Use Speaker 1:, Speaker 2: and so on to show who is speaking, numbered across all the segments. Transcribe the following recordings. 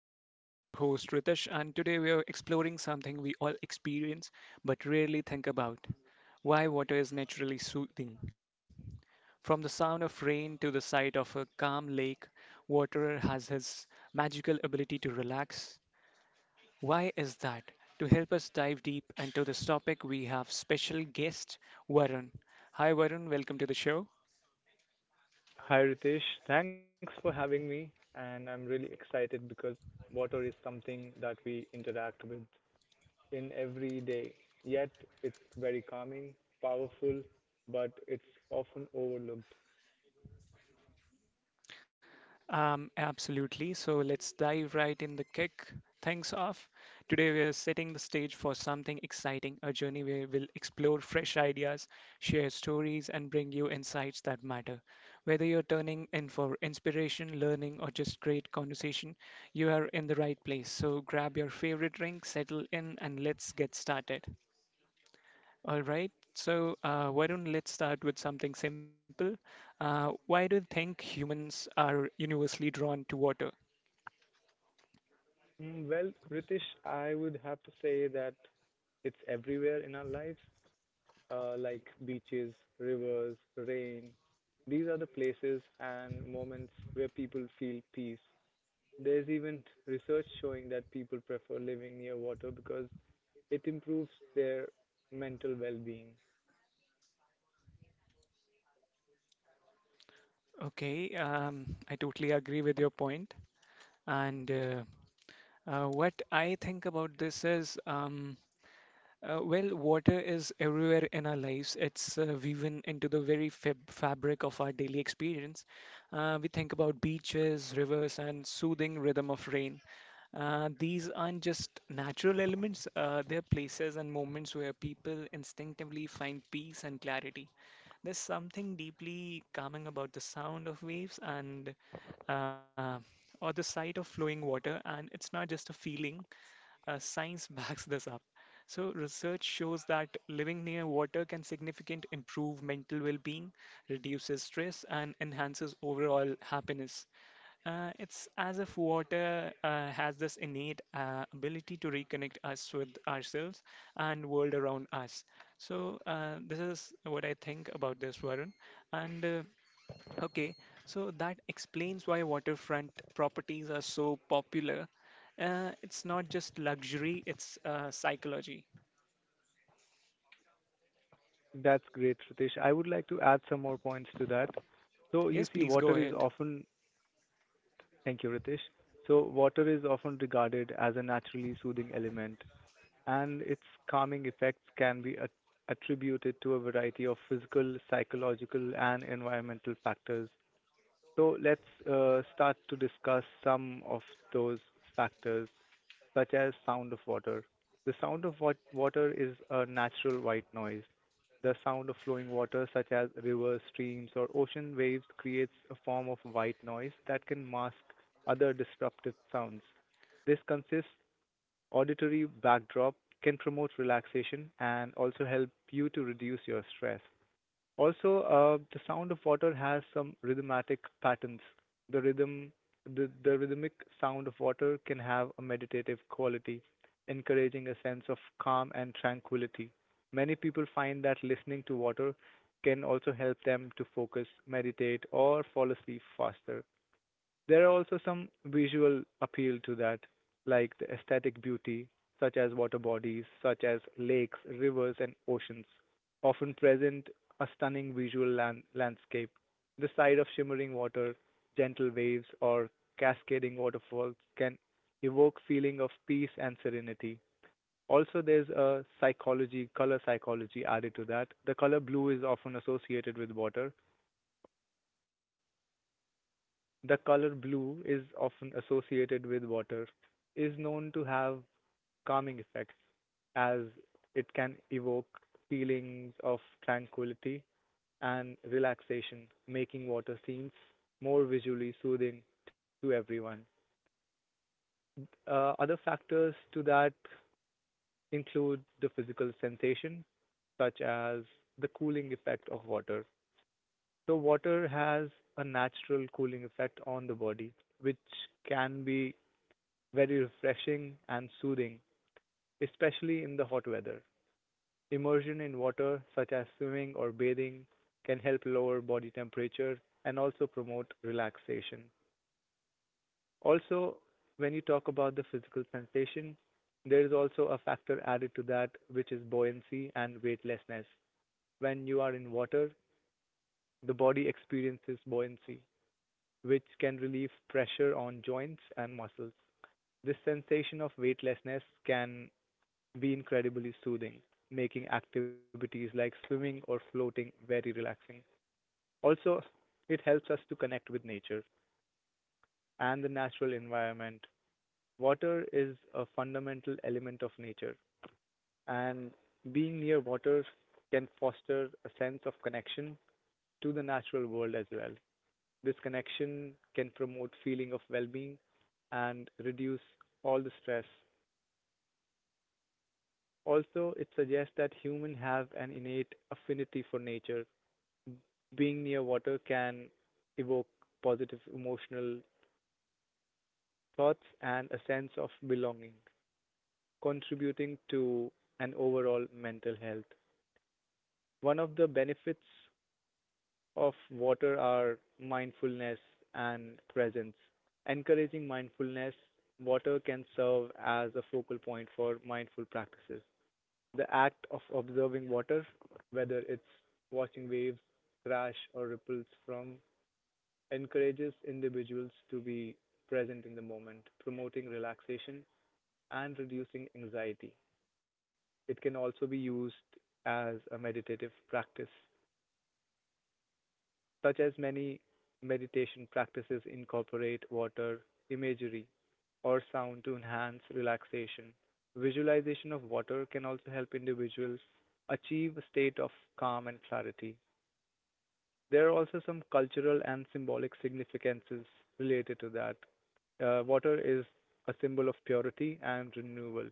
Speaker 1: Within. I'm your host Ritesh, and today we are exploring something we all experience but rarely think about why water is naturally soothing. From the sound of rain to the sight of a calm lake, water has his magical ability to relax. Why is that? To help us dive deep into this topic, we have special guest Varun. Hi, Varun, welcome to the show.
Speaker 2: Hi Ritesh, thanks for having me, and I'm really excited because water is something that we interact with in every day. Yet it's very calming, powerful, but it's often overlooked.
Speaker 1: Absolutely. So let's dive right in the kick things off. Today we are setting the stage for something exciting, a journey where we'll explore fresh ideas, share stories, and bring you insights that matter. Whether you're turning in for inspiration, learning, or just great conversation, you are in the right place. So grab your favorite drink, settle in, and let's get started. All right, so why don't let's start with something simple. Why do you think humans are universally drawn to water?
Speaker 2: Mm, well, Ritesh, I would have to say that it's everywhere in our lives, like beaches, rivers, rain. These are the places and moments where people feel peace. There's even research showing that people prefer living near water because it improves their mental well-being.
Speaker 1: Okay, I totally agree with your point. And what I think about this is, well, water is everywhere in our lives. It's woven into the very fabric of our daily experience. We think about beaches, rivers, and soothing rhythm of rain. These aren't just natural elements, they're places and moments where people instinctively find peace and clarity. There's something deeply calming about the sound of waves and uh, or the sight of flowing water, and it's not just a feeling, science backs this up. So, research shows that living near water can significantly improve mental well being, reduces stress, and enhances overall happiness. It's as if water has this innate ability to reconnect us with ourselves and world around us. So, this is what I think about this, Varun. And Okay, so that explains why waterfront properties are so popular. It's not just luxury, it's psychology.
Speaker 2: That's great, Ritesh. I would like to add some more points to that. So you
Speaker 1: Yes,
Speaker 2: see,
Speaker 1: please go
Speaker 2: water is
Speaker 1: ahead.
Speaker 2: often, thank you, Ritesh. So water is often regarded as a naturally soothing element, and its calming effects can be attributed to a variety of physical, psychological, and environmental factors. So let's start to discuss some of those factors, such as sound of water. The sound of water is a natural white noise. The sound of flowing water, such as rivers, streams, or ocean waves, creates a form of white noise that can mask other disruptive sounds. This consists auditory backdrop can promote relaxation and also help you to reduce your stress. Also, the sound of water has some rhythmatic patterns. The rhythm, the rhythmic sound of water can have a meditative quality, encouraging a sense of calm and tranquility. Many people find that listening to water can also help them to focus, meditate, or fall asleep faster. There are also some visual appeal to that, like the aesthetic beauty, such as water bodies, such as lakes, rivers, and oceans, often present a stunning visual landscape. The sight of shimmering water, gentle waves, or cascading waterfalls can evoke feeling of peace and serenity. Also, there's a psychology, color psychology added to that. The color blue is often associated with water, is known to have calming effects as it can evoke feelings of tranquility and relaxation, making water scenes more visually soothing to everyone. Other factors to that include the physical sensation, such as the cooling effect of water. So, water has a natural cooling effect on the body, which can be very refreshing and soothing, especially in the hot weather. Immersion in water, such as swimming or bathing, can help lower body temperature and also promote relaxation. Also, when you talk about the physical sensation, there is also a factor added to that, which is buoyancy and weightlessness. When you are in water, the body experiences buoyancy, which can relieve pressure on joints and muscles. This sensation of weightlessness can be incredibly soothing, making activities like swimming or floating very relaxing. Also, it helps us to connect with nature and the natural environment. Water is a fundamental element of nature, and being near water can foster a sense of connection to the natural world as well. This connection can promote feeling of well-being and reduce all the stress. Also, it suggests that humans have an innate affinity for nature. Being near water can evoke positive emotional thoughts and a sense of belonging, contributing to an overall mental health. One of the benefits of water are mindfulness and presence. Encouraging mindfulness, water can serve as a focal point for mindful practices. The act of observing water, whether it's watching waves crash or ripples from encourages individuals to be present in the moment, promoting relaxation and reducing anxiety. It can also be used as a meditative practice, such as many meditation practices incorporate water, imagery, or sound to enhance relaxation. Visualization of water can also help individuals achieve a state of calm and clarity. There are also some cultural and symbolic significances related to that. Water is a symbol of purity and renewal.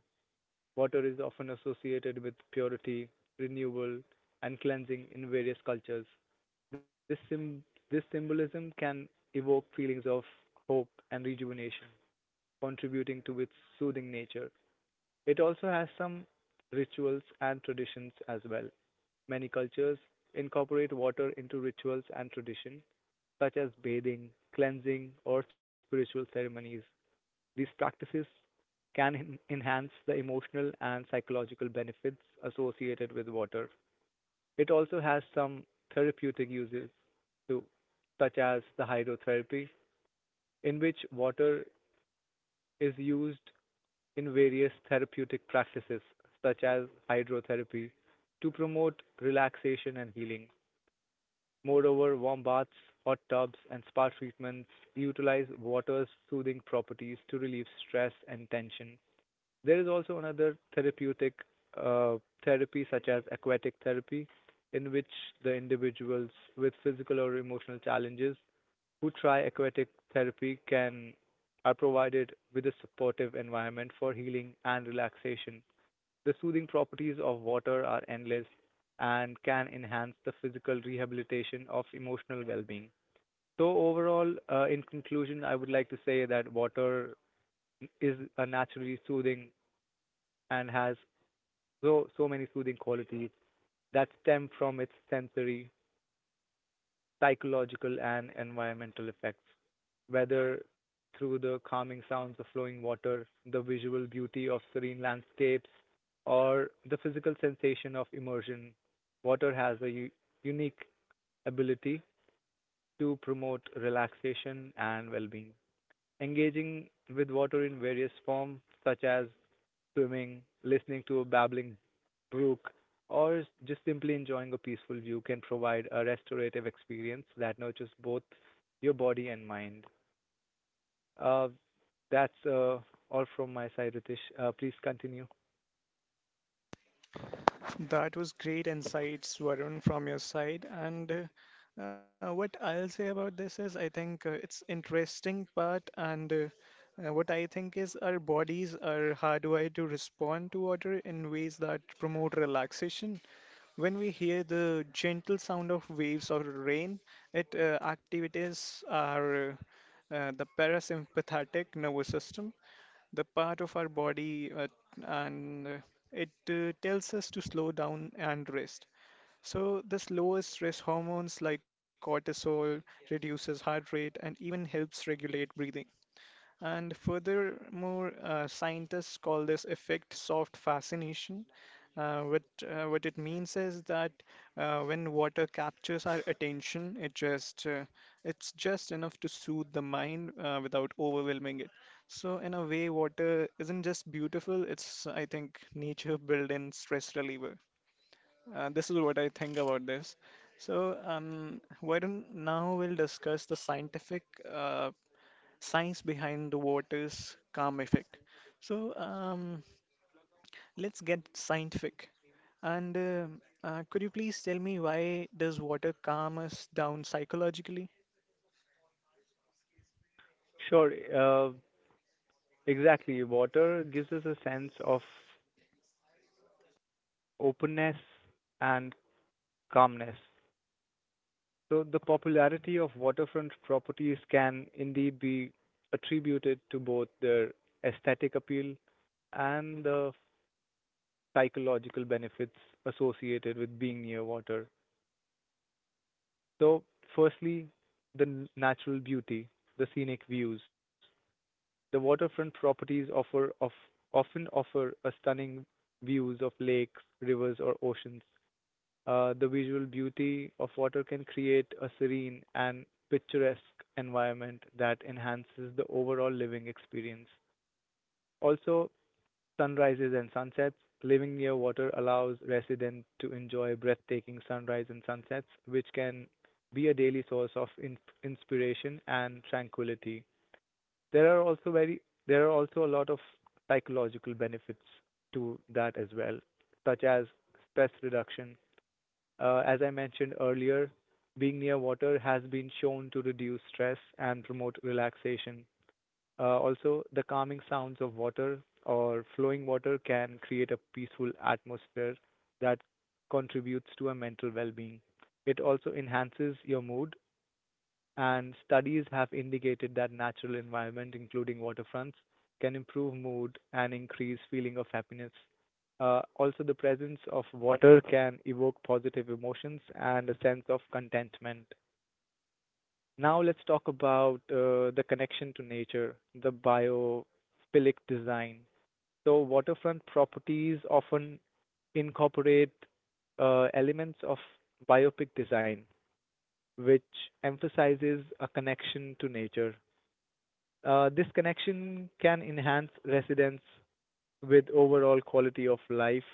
Speaker 2: Water is often associated with purity, renewal, and cleansing in various cultures. This, sym- this symbolism can evoke feelings of hope and rejuvenation, contributing to its soothing nature. It also has some rituals and traditions as well. Many cultures incorporate water into rituals and tradition, such as bathing, cleansing, or spiritual ceremonies. These practices can enhance the emotional and psychological benefits associated with water. It also has some therapeutic uses too, such as the hydrotherapy, in which water is used in various therapeutic practices, such as hydrotherapy, to promote relaxation and healing. Moreover, warm baths, hot tubs, and spa treatments utilize water's soothing properties to relieve stress and tension. There is also another therapeutic uh, therapy, such as aquatic therapy, in which the individuals with physical or emotional challenges who try aquatic therapy can are provided with a supportive environment for healing and relaxation. The soothing properties of water are endless and can enhance the physical rehabilitation of emotional well-being. So overall, in conclusion, I would like to say that water is a naturally soothing and has so many soothing qualities that stem from its sensory psychological and environmental effects, whether through the calming sounds of flowing water, the visual beauty of serene landscapes, or the physical sensation of immersion. Water has a unique ability to promote relaxation and well-being. Engaging with water in various forms, such as swimming, listening to a babbling brook, or just simply enjoying a peaceful view can provide a restorative experience that nurtures both your body and mind. Uh, that's all from my side, Ritesh. Please continue.
Speaker 1: That was great insights, Varun, from your side. And what I'll say about this is, I think it's interesting part, and what I think is our bodies are hardwired to respond to water in ways that promote relaxation. When we hear the gentle sound of waves or rain, it activates our the parasympathetic nervous system, the part of our body and it tells us to slow down and rest. So the slowest stress hormones like cortisol reduces heart rate and even helps regulate breathing. And furthermore, scientists call this effect soft fascination. Uh, what, what it means is that when water captures our attention, it's just enough to soothe the mind without overwhelming it. So in a way, water isn't just beautiful; it's I think nature built-in stress reliever. This is what I think about this. So why don't now we'll discuss the scientific uh, science behind the water's calm effect. So let's get scientific. And could you please tell me why does water calm us down psychologically?
Speaker 2: Sure. Exactly. Water gives us a sense of openness and calmness. So the popularity of waterfront properties can indeed be attributed to both their aesthetic appeal and the psychological benefits associated with being near water. So, firstly, the natural beauty, the scenic views. The waterfront properties offer of often offer a stunning views of lakes, rivers, or oceans. The visual beauty of water can create a serene and picturesque environment that enhances the overall living experience. Also, sunrises and sunsets. Living near water allows residents to enjoy breathtaking sunrise and sunsets, which can be a daily source of inspiration and tranquility. There are also very there are also a lot of psychological benefits to that as well, such as stress reduction, as I mentioned earlier, being near water has been shown to reduce stress and promote relaxation. Also, the calming sounds of water or flowing water can create a peaceful atmosphere that contributes to a mental well being. It also enhances your mood, and studies have indicated that natural environment, including waterfronts, can improve mood and increase feeling of happiness. Also, the presence of water can evoke positive emotions and a sense of contentment. Now, let's talk about the connection to nature, the biophilic design. So, waterfront properties often incorporate elements of biopic design, which emphasizes a connection to nature. This connection can enhance residents with overall quality of life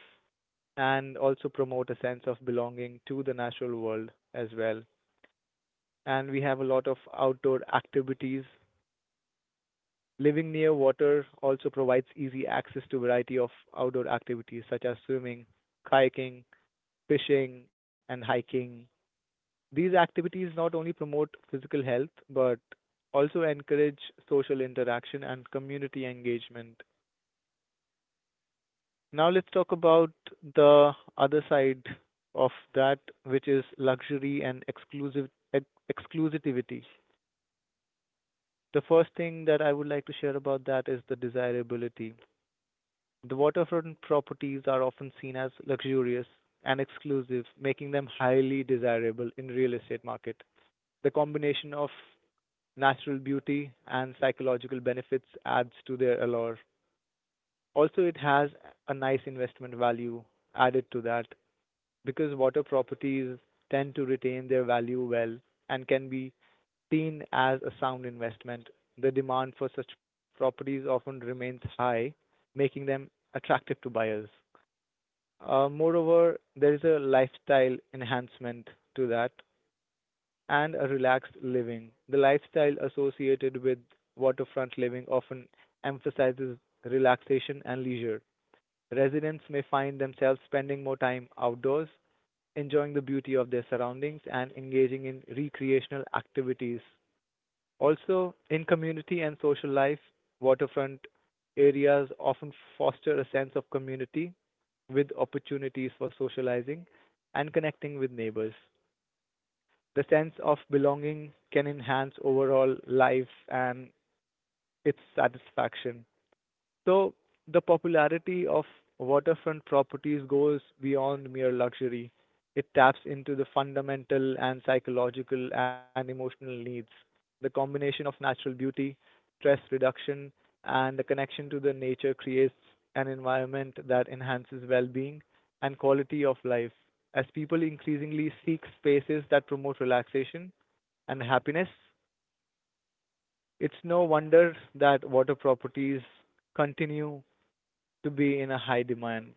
Speaker 2: and also promote a sense of belonging to the natural world as well. And we have a lot of outdoor activities. Living near water also provides easy access to variety of outdoor activities such as swimming, kayaking, fishing, and hiking. These activities not only promote physical health but also encourage social interaction and community engagement. Now let's talk about the other side of that, which is luxury and exclusive exclusivity. The first thing that I would like to share about that is the desirability. The waterfront properties are often seen as luxurious and exclusive, making them highly desirable in real estate market. The combination of natural beauty and psychological benefits adds to their allure. Also, it has a nice investment value added to that because water properties tend to retain their value well and can be seen as a sound investment, the demand for such properties often remains high, making them attractive to buyers. Moreover, there is a lifestyle enhancement to that and a relaxed living. The lifestyle associated with waterfront living often emphasizes relaxation and leisure. Residents may find themselves spending more time outdoors, enjoying the beauty of their surroundings and engaging in recreational activities. Also, in community and social life, waterfront areas often foster a sense of community with opportunities for socializing and connecting with neighbors. The sense of belonging can enhance overall life and its satisfaction. So the popularity of waterfront properties goes beyond mere luxury. It taps into the fundamental and psychological and emotional needs. The combination of natural beauty, stress reduction, and the connection to the nature creates an environment that enhances well-being and quality of life. As people increasingly seek spaces that promote relaxation and happiness, it's no wonder that water properties continue to be in a high demand.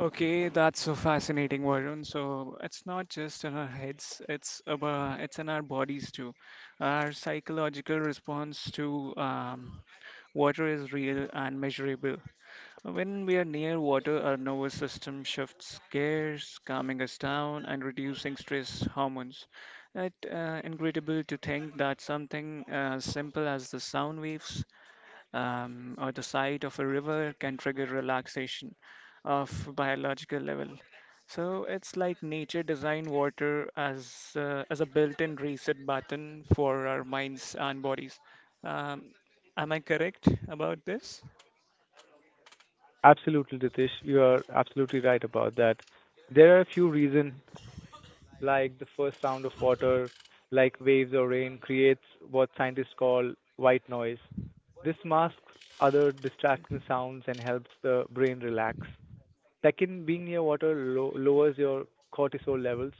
Speaker 1: Okay, that's so fascinating, Varun. So it's not just in our heads, it's in our bodies too. Our psychological response to water is real and measurable. When we are near water, our nervous system shifts gears, calming us down and reducing stress hormones. It's incredible to think that something as simple as the sound waves or the sight of a river can trigger relaxation of biological level. So it's like nature designed water as a built-in reset button for our minds and bodies. Um, am I correct about this?
Speaker 2: Absolutely, Ritesh, you are absolutely right about that. There are a few reasons, like the first sound of water, like waves or rain, creates what scientists call white noise. This masks other distracting sounds and helps the brain relax. Second, being near water lowers your cortisol levels,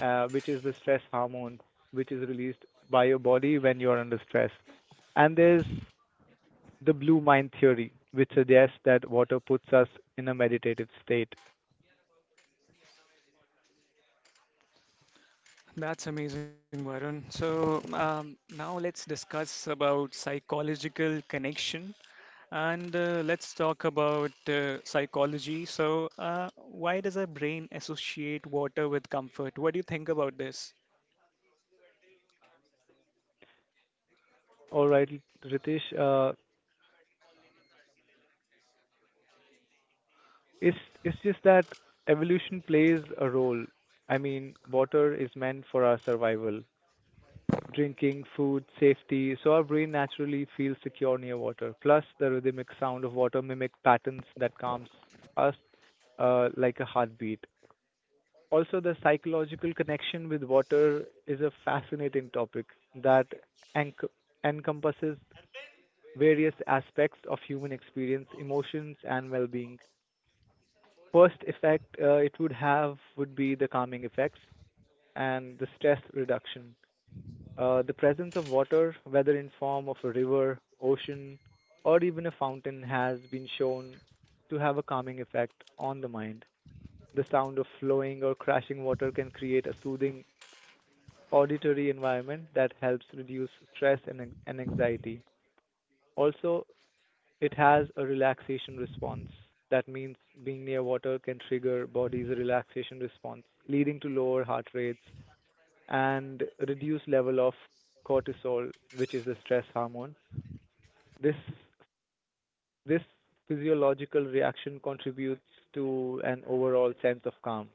Speaker 2: which is the stress hormone, which is released by your body when you are under stress. And there's the blue mind theory, which suggests that water puts us in a meditative state.
Speaker 1: That's amazing, Varun. So now let's discuss about psychological connection and let's talk about psychology. So why does our brain associate water with comfort? What do you think about this?
Speaker 2: All right, Ritesh, it's it's just that evolution plays a role. I mean, water is meant for our survival: drinking, food, safety. So our brain naturally feels secure near water. Plus, the rhythmic sound of water mimic patterns that calms us, like a heartbeat. Also, the psychological connection with water is a fascinating topic that enc- encompasses various aspects of human experience, emotions, and well-being. First effect it would have would be the calming effects and the stress reduction. The presence of water, whether in form of a river, ocean, or even a fountain, has been shown to have a calming effect on the mind. The sound of flowing or crashing water can create a soothing auditory environment that helps reduce stress and, and anxiety. Also, it has a relaxation response. That means being near water can trigger body's relaxation response, leading to lower heart rates and reduced level of cortisol, which is the stress hormone. This this physiological reaction contributes to an overall sense of calm.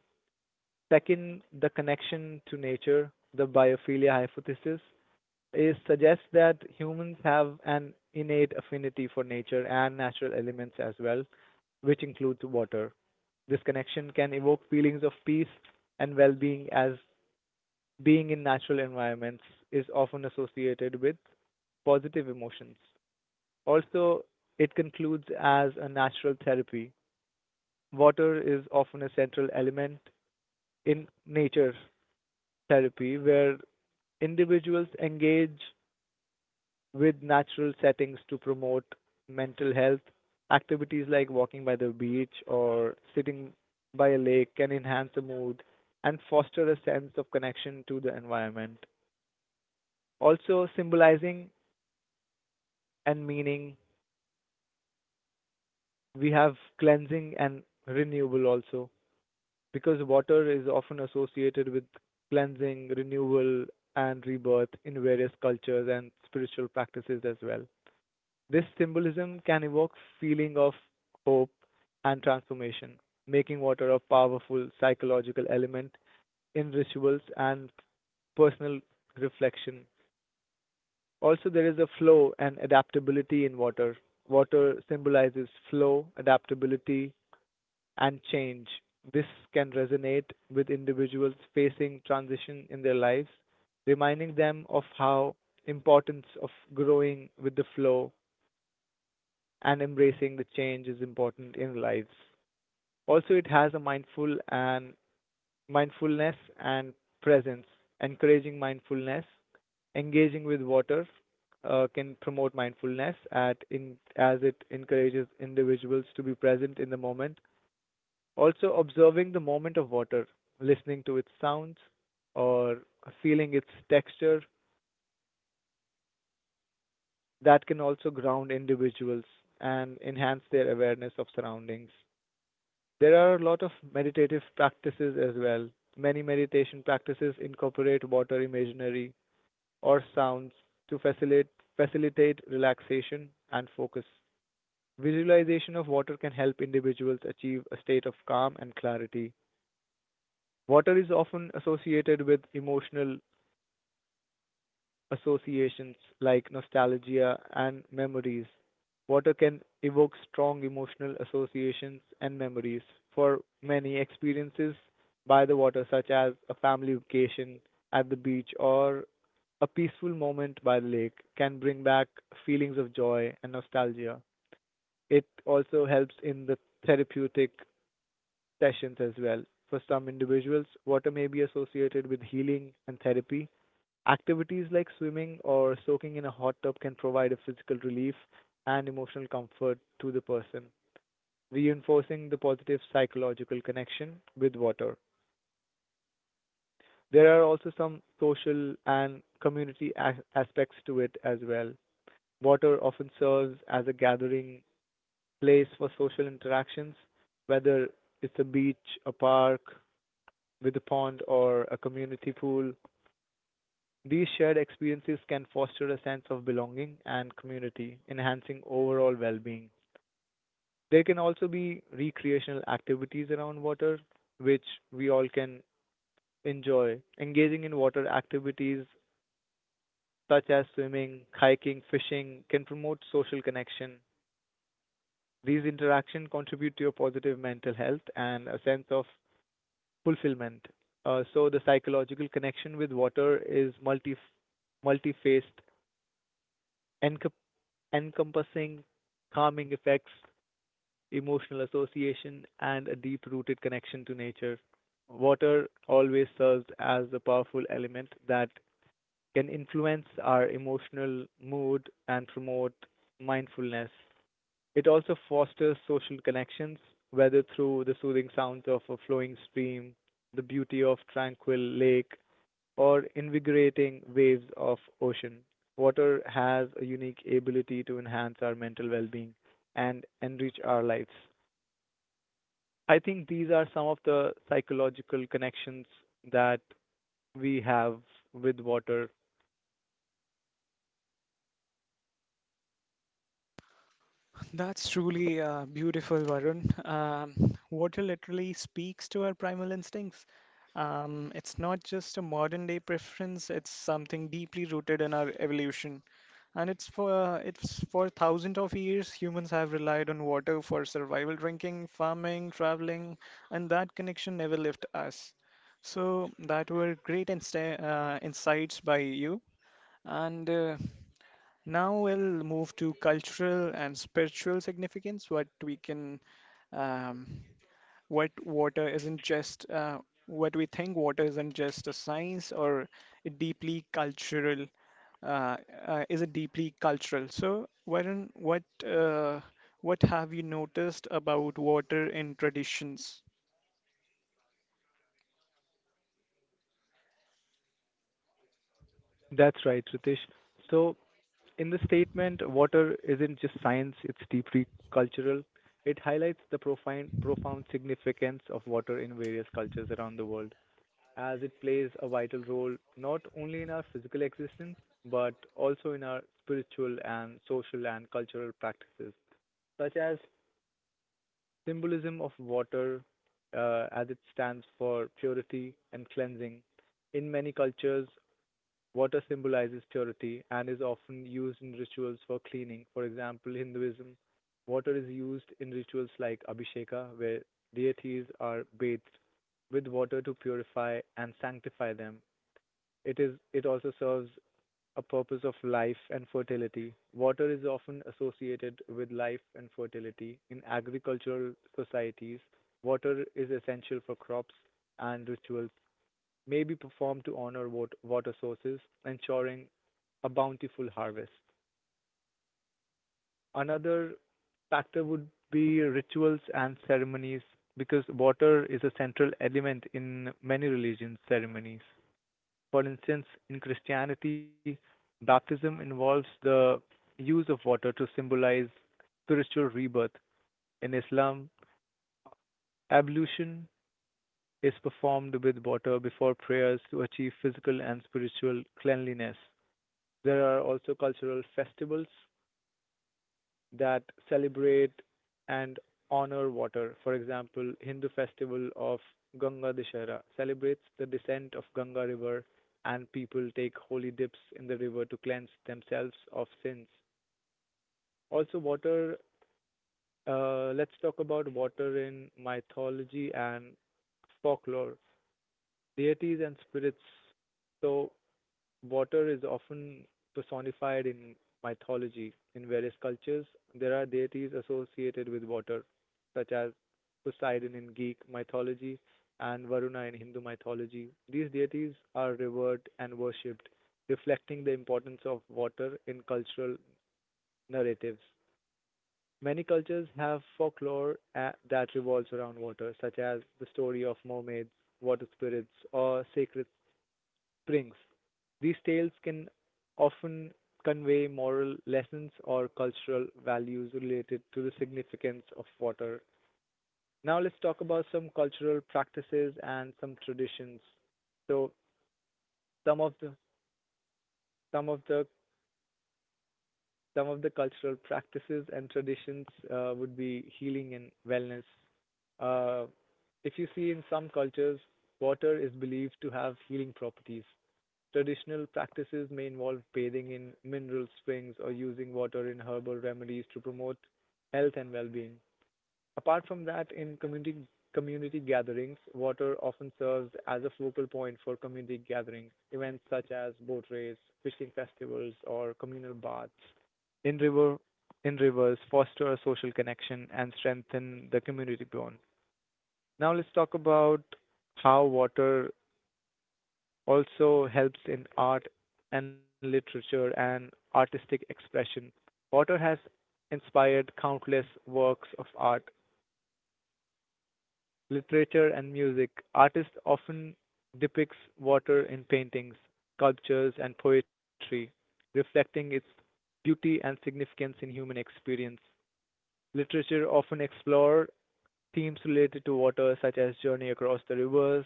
Speaker 2: Second, the connection to nature, the biophilia hypothesis. Is suggests that humans have an innate affinity for nature and natural elements as well, which includes water. This connection can evoke feelings of peace and well being, as being in natural environments is often associated with positive emotions. Also, it concludes as a natural therapy. Water is often a central element in nature therapy, where individuals engage with natural settings to promote mental health. Activities like walking by the beach or sitting by a lake can enhance the mood and foster a sense of connection to the environment. Also, symbolizing and meaning, we have cleansing and renewal. Also, because water is often associated with cleansing, renewal, and rebirth in various cultures and spiritual practices as well. This symbolism can evoke feeling of hope and transformation, making water a powerful psychological element in rituals and personal reflection. Also, there is a flow and adaptability in water. Water symbolizes flow, adaptability, and change. This can resonate with individuals facing transition in their lives, reminding them of how importance of growing with the flow and embracing the change is important in lives. Also, it has a mindful and mindfulness and presence. Encouraging mindfulness, engaging with water, can promote mindfulness at in as it encourages individuals to be present in the moment. Also, observing the moment of water, listening to its sounds, or feeling its texture, that can also ground individuals and enhance their awareness of surroundings. There are a lot of meditative practices as well. Many meditation practices incorporate water imaginary or sounds to facilitate relaxation and focus. Visualization of water can help individuals achieve a state of calm and clarity. Water is often associated with emotional associations like nostalgia and memories. Water can evoke strong emotional associations and memories for many experiences by the water, such as a family vacation at the beach or a peaceful moment by the lake, can bring back feelings of joy and nostalgia. It also helps in the therapeutic sessions as well. For some individuals, water may be associated with healing and therapy. Activities like swimming or soaking in a hot tub can provide a physical relief and emotional comfort to the person, reinforcing the positive psychological connection with water. There are also some social and community aspects to it as well. Water often serves as a gathering place for social interactions, whether it's a beach, a park with a pond, or a community pool. These shared experiences can foster a sense of belonging and community, enhancing overall well being. There can also be recreational activities around water, which we all can enjoy. Engaging in water activities such as swimming, hiking, fishing can promote social connection. These interactions contribute to your positive mental health and a sense of fulfillment. So, the psychological connection with water is multi multi-faced, encompassing encompassing calming effects, emotional association, and a deep rooted connection to nature. Water always serves as a powerful element that can influence our emotional mood and promote mindfulness. It also fosters social connections, whether through the soothing sounds of a flowing stream, the beauty of tranquil lake, or invigorating waves of ocean, water has a unique ability to enhance our mental well being and enrich our lives. I think these are some of the psychological connections that we have with water.
Speaker 1: That's truly beautiful, Varun. Um, Water literally speaks to our primal instincts. It's not just a modern day preference, it's something deeply rooted in our evolution. And it's for thousands of years humans have relied on water for survival, drinking, farming, traveling, and that connection never left us. So that were great insta insights by you. And now we'll move to cultural and spiritual significance. Um, what water isn't what we think water isn't just a science or a deeply cultural, uh, is it deeply cultural? So, Varun, what have you noticed about water in traditions?
Speaker 2: That's right, Ritesh. So, in the statement, water isn't just science, it's deeply cultural. It highlights the profound significance of water in various cultures around the world. As it plays a vital role not only in our physical existence but also in our spiritual and social and cultural practices, such as symbolism of water as it stands for purity and cleansing. In many cultures, water symbolizes purity and is often used in rituals for cleaning. For example, Hinduism, water is used in rituals like Abhisheka, where deities are bathed with water to purify and sanctify them. It also serves a purpose of life and fertility. Water is often associated with life and fertility. In agricultural societies, water is essential for crops and rituals may be performed to honor water sources, ensuring a bountiful harvest. Another factor would be rituals and ceremonies because water is a central element in many religions ceremonies. For instance, in Christianity, baptism involves the use of water to symbolize spiritual rebirth. In Islam, ablution is performed with water before prayers to achieve physical and spiritual cleanliness. There are also cultural festivals that celebrate and honor water. For example, Hindu festival of Ganga Dashera celebrates the descent of Ganga river and people take holy dips in the river to cleanse themselves of sins. Also water, let's talk about water in mythology and folklore, deities and spirits. So water is often personified in mythology. In various cultures, there are deities associated with water, such as Poseidon in Greek mythology and Varuna in Hindu mythology. These deities are revered and worshipped, reflecting the importance of water in cultural narratives. Many cultures have folklore that revolves around water, such as the story of mermaids, water spirits, or sacred brings. These tales can often convey moral lessons or cultural values related to the significance of water. Now, let's talk about some cultural practices and some traditions. So, some of the some of the some of the cultural practices and traditions would be healing and wellness. Uh, if you see in some cultures, water is believed to have healing properties. Traditional practices may involve bathing in mineral springs or using water in herbal remedies to promote health and well-being. Apart from that, in community gatherings, water often serves as a focal point for community gatherings, events such as boat race, fishing festivals, or communal baths. In river in rivers foster social connection and strengthen the community bond. Now let's talk about how water also helps in art and literature and artistic expression. Potter has inspired countless works of art, literature, and music. Artists often depicts water in paintings, sculptures, and poetry, reflecting its beauty and significance in human experience. Literature often explore themes related to water, such as Journey Across the Rivers,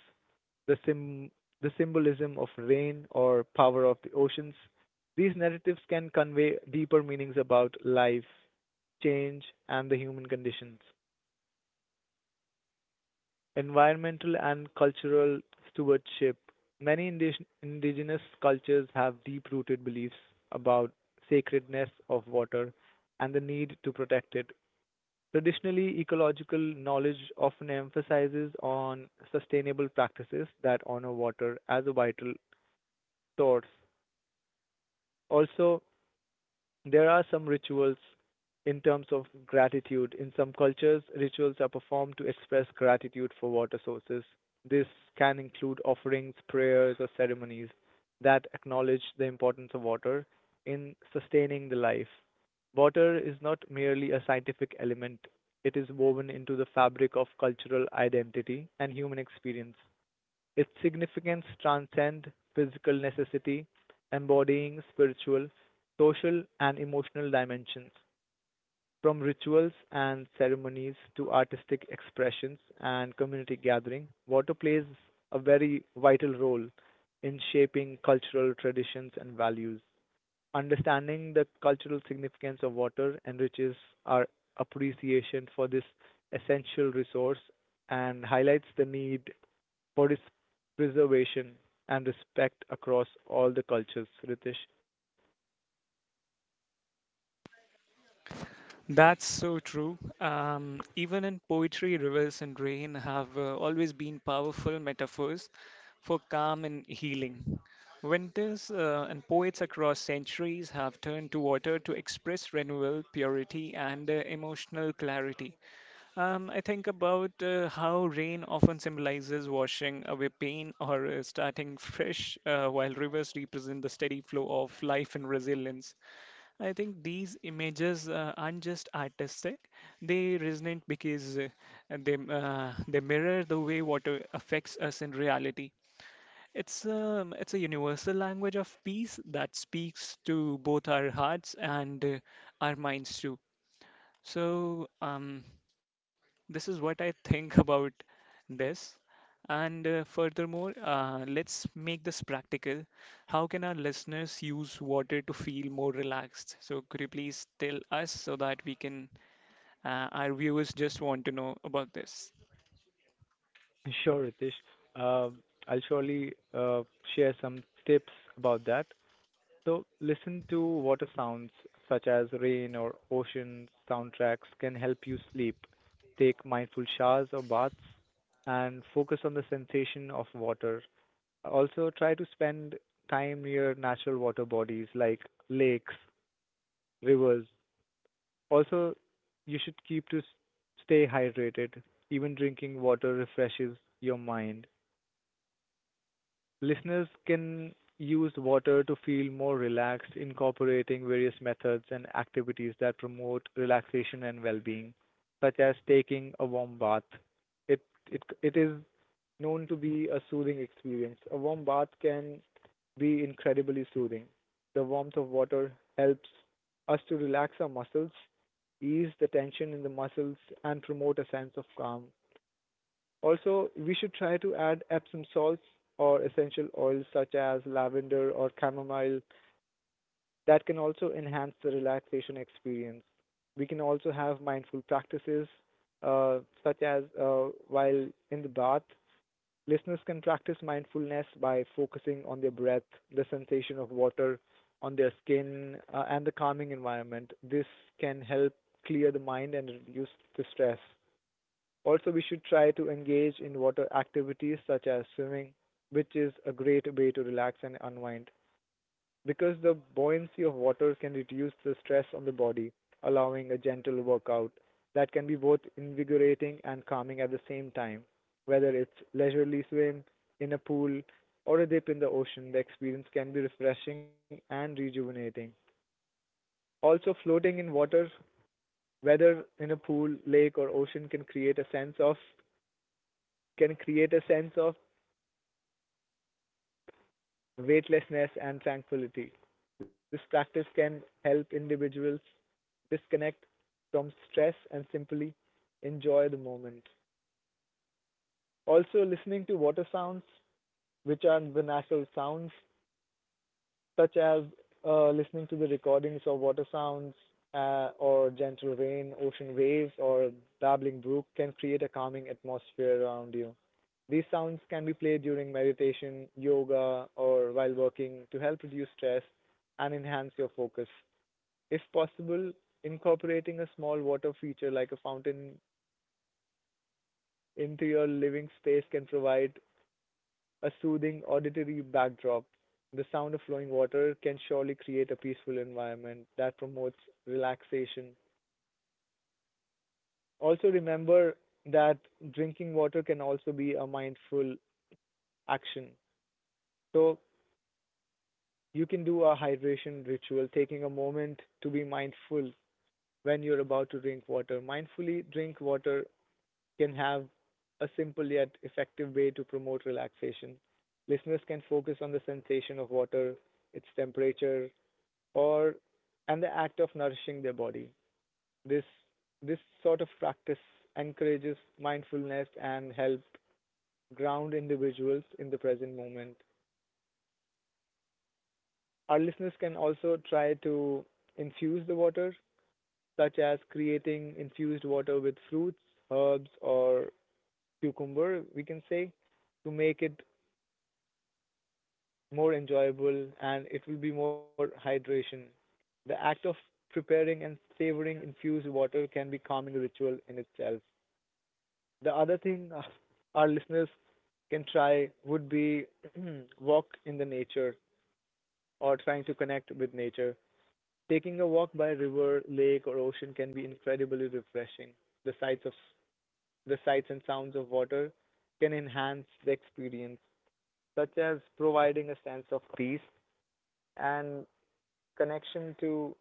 Speaker 2: the sym- the symbolism of rain or power of the oceans. These narratives can convey deeper meanings about life, change, and the human conditions. Environmental and cultural stewardship. Many indigenous cultures have deep rooted beliefs about sacredness of water and the need to protect it. Traditionally, ecological knowledge often emphasizes on sustainable practices that honor water as a vital source. Also, there are some rituals in terms of gratitude. In some cultures, rituals are performed to express gratitude for water sources. This can include offerings, prayers, or ceremonies that acknowledge the importance of water in sustaining the life. Water is not merely a scientific element, it is woven into the fabric of cultural identity and human experience. Its significance transcends physical necessity, embodying spiritual, social, and emotional dimensions. From rituals and ceremonies to artistic expressions and community gathering, water plays a very vital role in shaping cultural traditions and values. Understanding the cultural significance of water enriches our appreciation for this essential resource and highlights the need for its preservation and respect across all the cultures, Ritesh.
Speaker 1: That's so true. Even in poetry, rivers and rain have always been powerful metaphors for calm and healing. Winters and poets across centuries have turned to water to express renewal, purity, and emotional clarity. I think about how rain often symbolizes washing away pain or starting fresh, while rivers represent the steady flow of life and resilience. I think these images aren't just artistic; they resonate because they mirror the way water affects us in reality. It's a universal language of peace that speaks to both our hearts and our minds too. So this is what I think about this. And furthermore, let's make this practical. How can our listeners use water to feel more relaxed? So, could you please tell us so that we can, our viewers just want to know about this.
Speaker 2: Sure, Ritesh. Um, I'll surely share some tips about that. So, listen to water sounds such as rain or ocean soundtracks can help you sleep. Take mindful showers or baths and focus on the sensation of water. Also, try to spend time near natural water bodies like lakes, rivers, Also, you should keep to stay hydrated. Even drinking water refreshes your mind. Listeners can use water to feel more relaxed, incorporating various methods and activities that promote relaxation and well-being, such as taking a warm bath. It it is known to be a soothing experience. A warm bath can be incredibly soothing. The warmth of water helps us to relax our muscles, ease the tension in the muscles, and promote a sense of calm. Also, we should try to add Epsom salts or essential oils such as lavender or chamomile that can also enhance the relaxation experience. We can also have mindful practices such as while in the bath, listeners can practice mindfulness by focusing on their breath, the sensation of water on their skin, and the calming environment. This can help clear the mind and reduce the stress. Also, we should try to engage in water activities such as swimming, which is a great way to relax and unwind because the buoyancy of water can reduce the stress on the body, allowing a gentle workout that can be both invigorating and calming at the same time. Whether it's leisurely swim in a pool or a dip in the ocean, the experience can be refreshing and rejuvenating. Also, floating in water, whether in a pool, lake, or ocean, can create a sense of weightlessness, and tranquility. This practice can help individuals disconnect from stress and simply enjoy the moment. Also, listening to water sounds, which are vernacular sounds such as listening to the recordings of water sounds or gentle rain, ocean waves, or babbling brook can create a calming atmosphere around you. These sounds can be played during meditation, yoga, or while working to help reduce stress and enhance your focus. If possible, incorporating a small water feature like a fountain into your living space can provide a soothing auditory backdrop. The sound of flowing water can surely create a peaceful environment that promotes relaxation. Also, remember that drinking water can also be a mindful action. So, you can do a hydration ritual, taking a moment to be mindful when you're about to drink water. Mindfully drink water can have a simple yet effective way to promote relaxation. Listeners can focus on the sensation of water, its temperature, or and the act of nourishing their body. This this sort of practice encourages mindfulness and help ground individuals in the present moment. Our listeners can also try to infuse the water, such as creating infused water with fruits, herbs, or cucumber, we can say, to make it more enjoyable and it will be more hydration. The act of preparing and savoring infused water can be calming ritual in itself. The other thing our listeners can try would be walk in the nature or trying to connect with nature. Taking a walk by river, lake, or ocean can be incredibly refreshing. The sights of the sights and sounds of water can enhance the experience, such as providing a sense of peace and connection to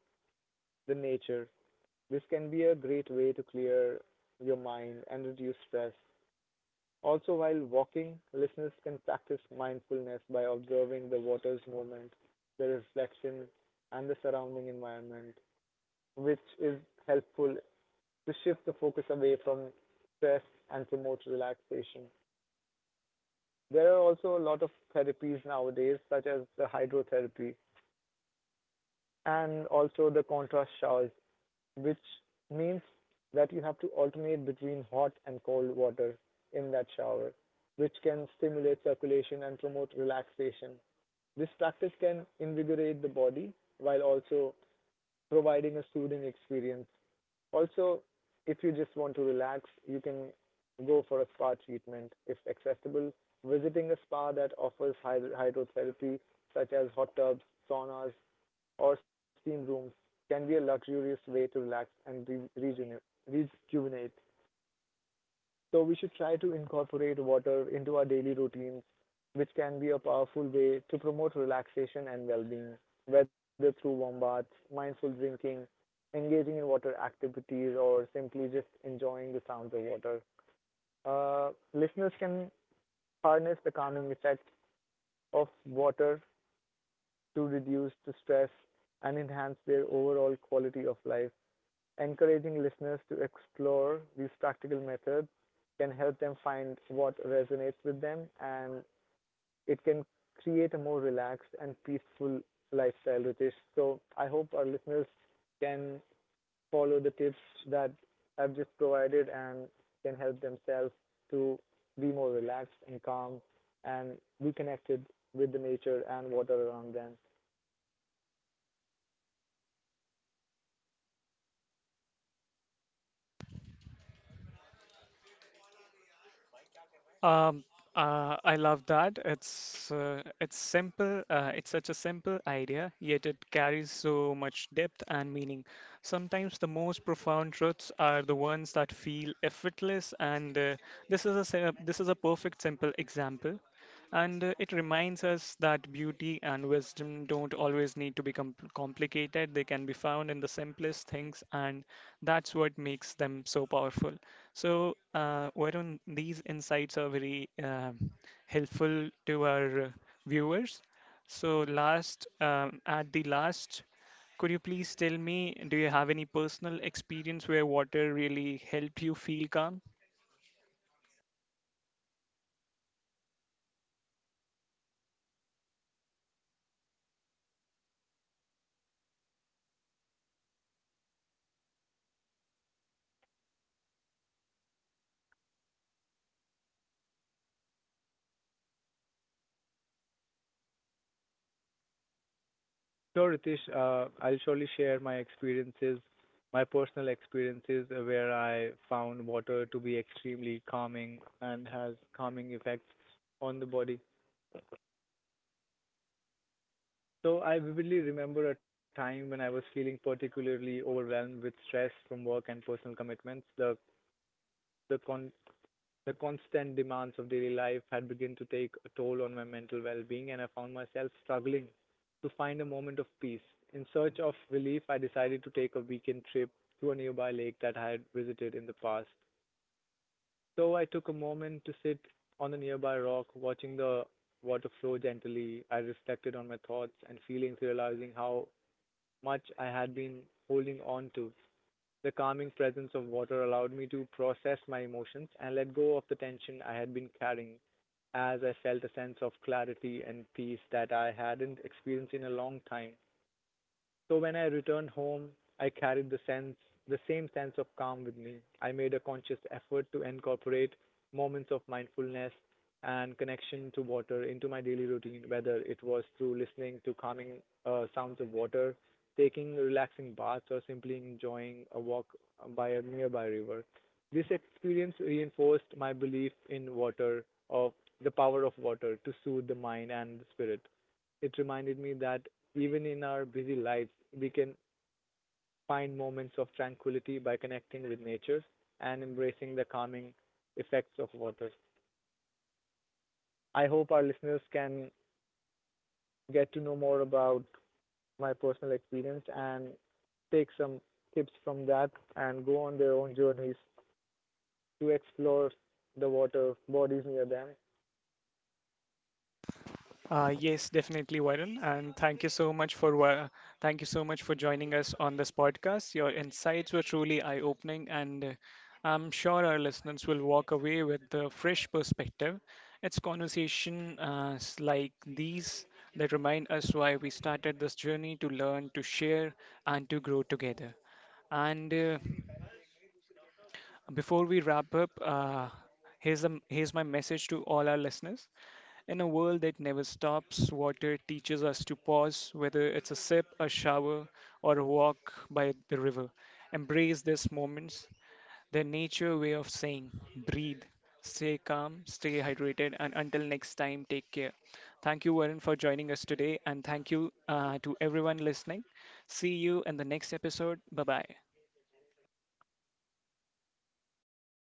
Speaker 2: the nature. This can be a great way to clear your mind and reduce stress. Also, while walking, listeners can practice mindfulness by observing the water's movement, the reflection, and the surrounding environment, which is helpful to shift the focus away from stress and promote relaxation. There are also a lot of therapies nowadays, such as the hydrotherapy and also the contrast showers, which means that you have to alternate between hot and cold water in that shower, which can stimulate circulation and promote relaxation. This practice can invigorate the body while also providing a soothing experience. Also, if you just want to relax, you can go for a spa treatment if accessible. Visiting a spa that offers hydrotherapy, such as hot tubs, saunas, or steam rooms can be a luxurious way to relax and rejuvenate. rejuvenate. So we should try to incorporate water into our daily routines, which can be a powerful way to promote relaxation and well-being, whether through warm baths, mindful drinking, engaging in water activities, or simply just enjoying the sounds of water. Listeners can harness the calming effect of water to reduce the stress and enhance their overall quality of life. Encouraging listeners to explore these practical methods can help them find what resonates with them and it can create a more relaxed and peaceful lifestyle, Ritesh. So I hope our listeners can follow the tips that I've just provided and can help themselves to be more relaxed and calm and be connected with the nature and water around them.
Speaker 1: Um, I love that. It's simple. It's such a simple idea, yet it carries so much depth and meaning. Sometimes the most profound truths are the ones that feel effortless, and this is a perfect simple example. And it reminds us that beauty and wisdom don't always need to be complicated. They can be found in the simplest things, and that's what makes them so powerful. So, Varun, these insights are very helpful to our viewers. So, at the last, could you please tell me, do you have any personal experience where water really helped you feel calm?
Speaker 2: Sure, Ritesh. I'll surely share my experiences, my personal experiences where I found water to be extremely calming and has calming effects on the body. So I vividly remember a time when I was feeling particularly overwhelmed with stress from work and personal commitments. The con- The constant demands of daily life had begun to take a toll on my mental well being, and I found myself struggling to find a moment of peace. In search of relief, I decided to take a weekend trip to a nearby lake that I had visited in the past. So I took a moment to sit on a nearby rock, watching the water flow gently. I reflected on my thoughts and feelings, realizing how much I had been holding on to. The calming presence of water allowed me to process my emotions and let go of the tension I had been carrying, as I felt a sense of clarity and peace that I hadn't experienced in a long time. So when I returned home, I carried the same sense of calm with me. I made a conscious effort to incorporate moments of mindfulness and connection to water into my daily routine, whether it was through listening to calming sounds of water, taking relaxing baths, or simply enjoying a walk by a nearby river. This experience reinforced my belief in water, of the power of water to soothe the mind and the spirit. It reminded me that even in our busy lives, we can find moments of tranquility by connecting with nature and embracing the calming effects of water. I hope our listeners can get to know more about my personal experience and take some tips from that and go on their own journeys to explore the water bodies near them
Speaker 1: Yes, definitely, Varun, and thank you so much for joining us on this podcast. Your insights were truly eye-opening, and I'm sure our listeners will walk away with a fresh perspective. It's conversation like these that remind us why we started this journey to learn, to share, and to grow together. And before we wrap up, here's my message to all our listeners. In a world that never stops, water teaches us to pause, whether it's a sip, a shower, or a walk by the river. Embrace these moments. They're nature way of saying, breathe, stay calm, stay hydrated, and until next time, take care. Thank you, Warren, for joining us today, and thank you to everyone listening. See you in the next episode. Bye bye.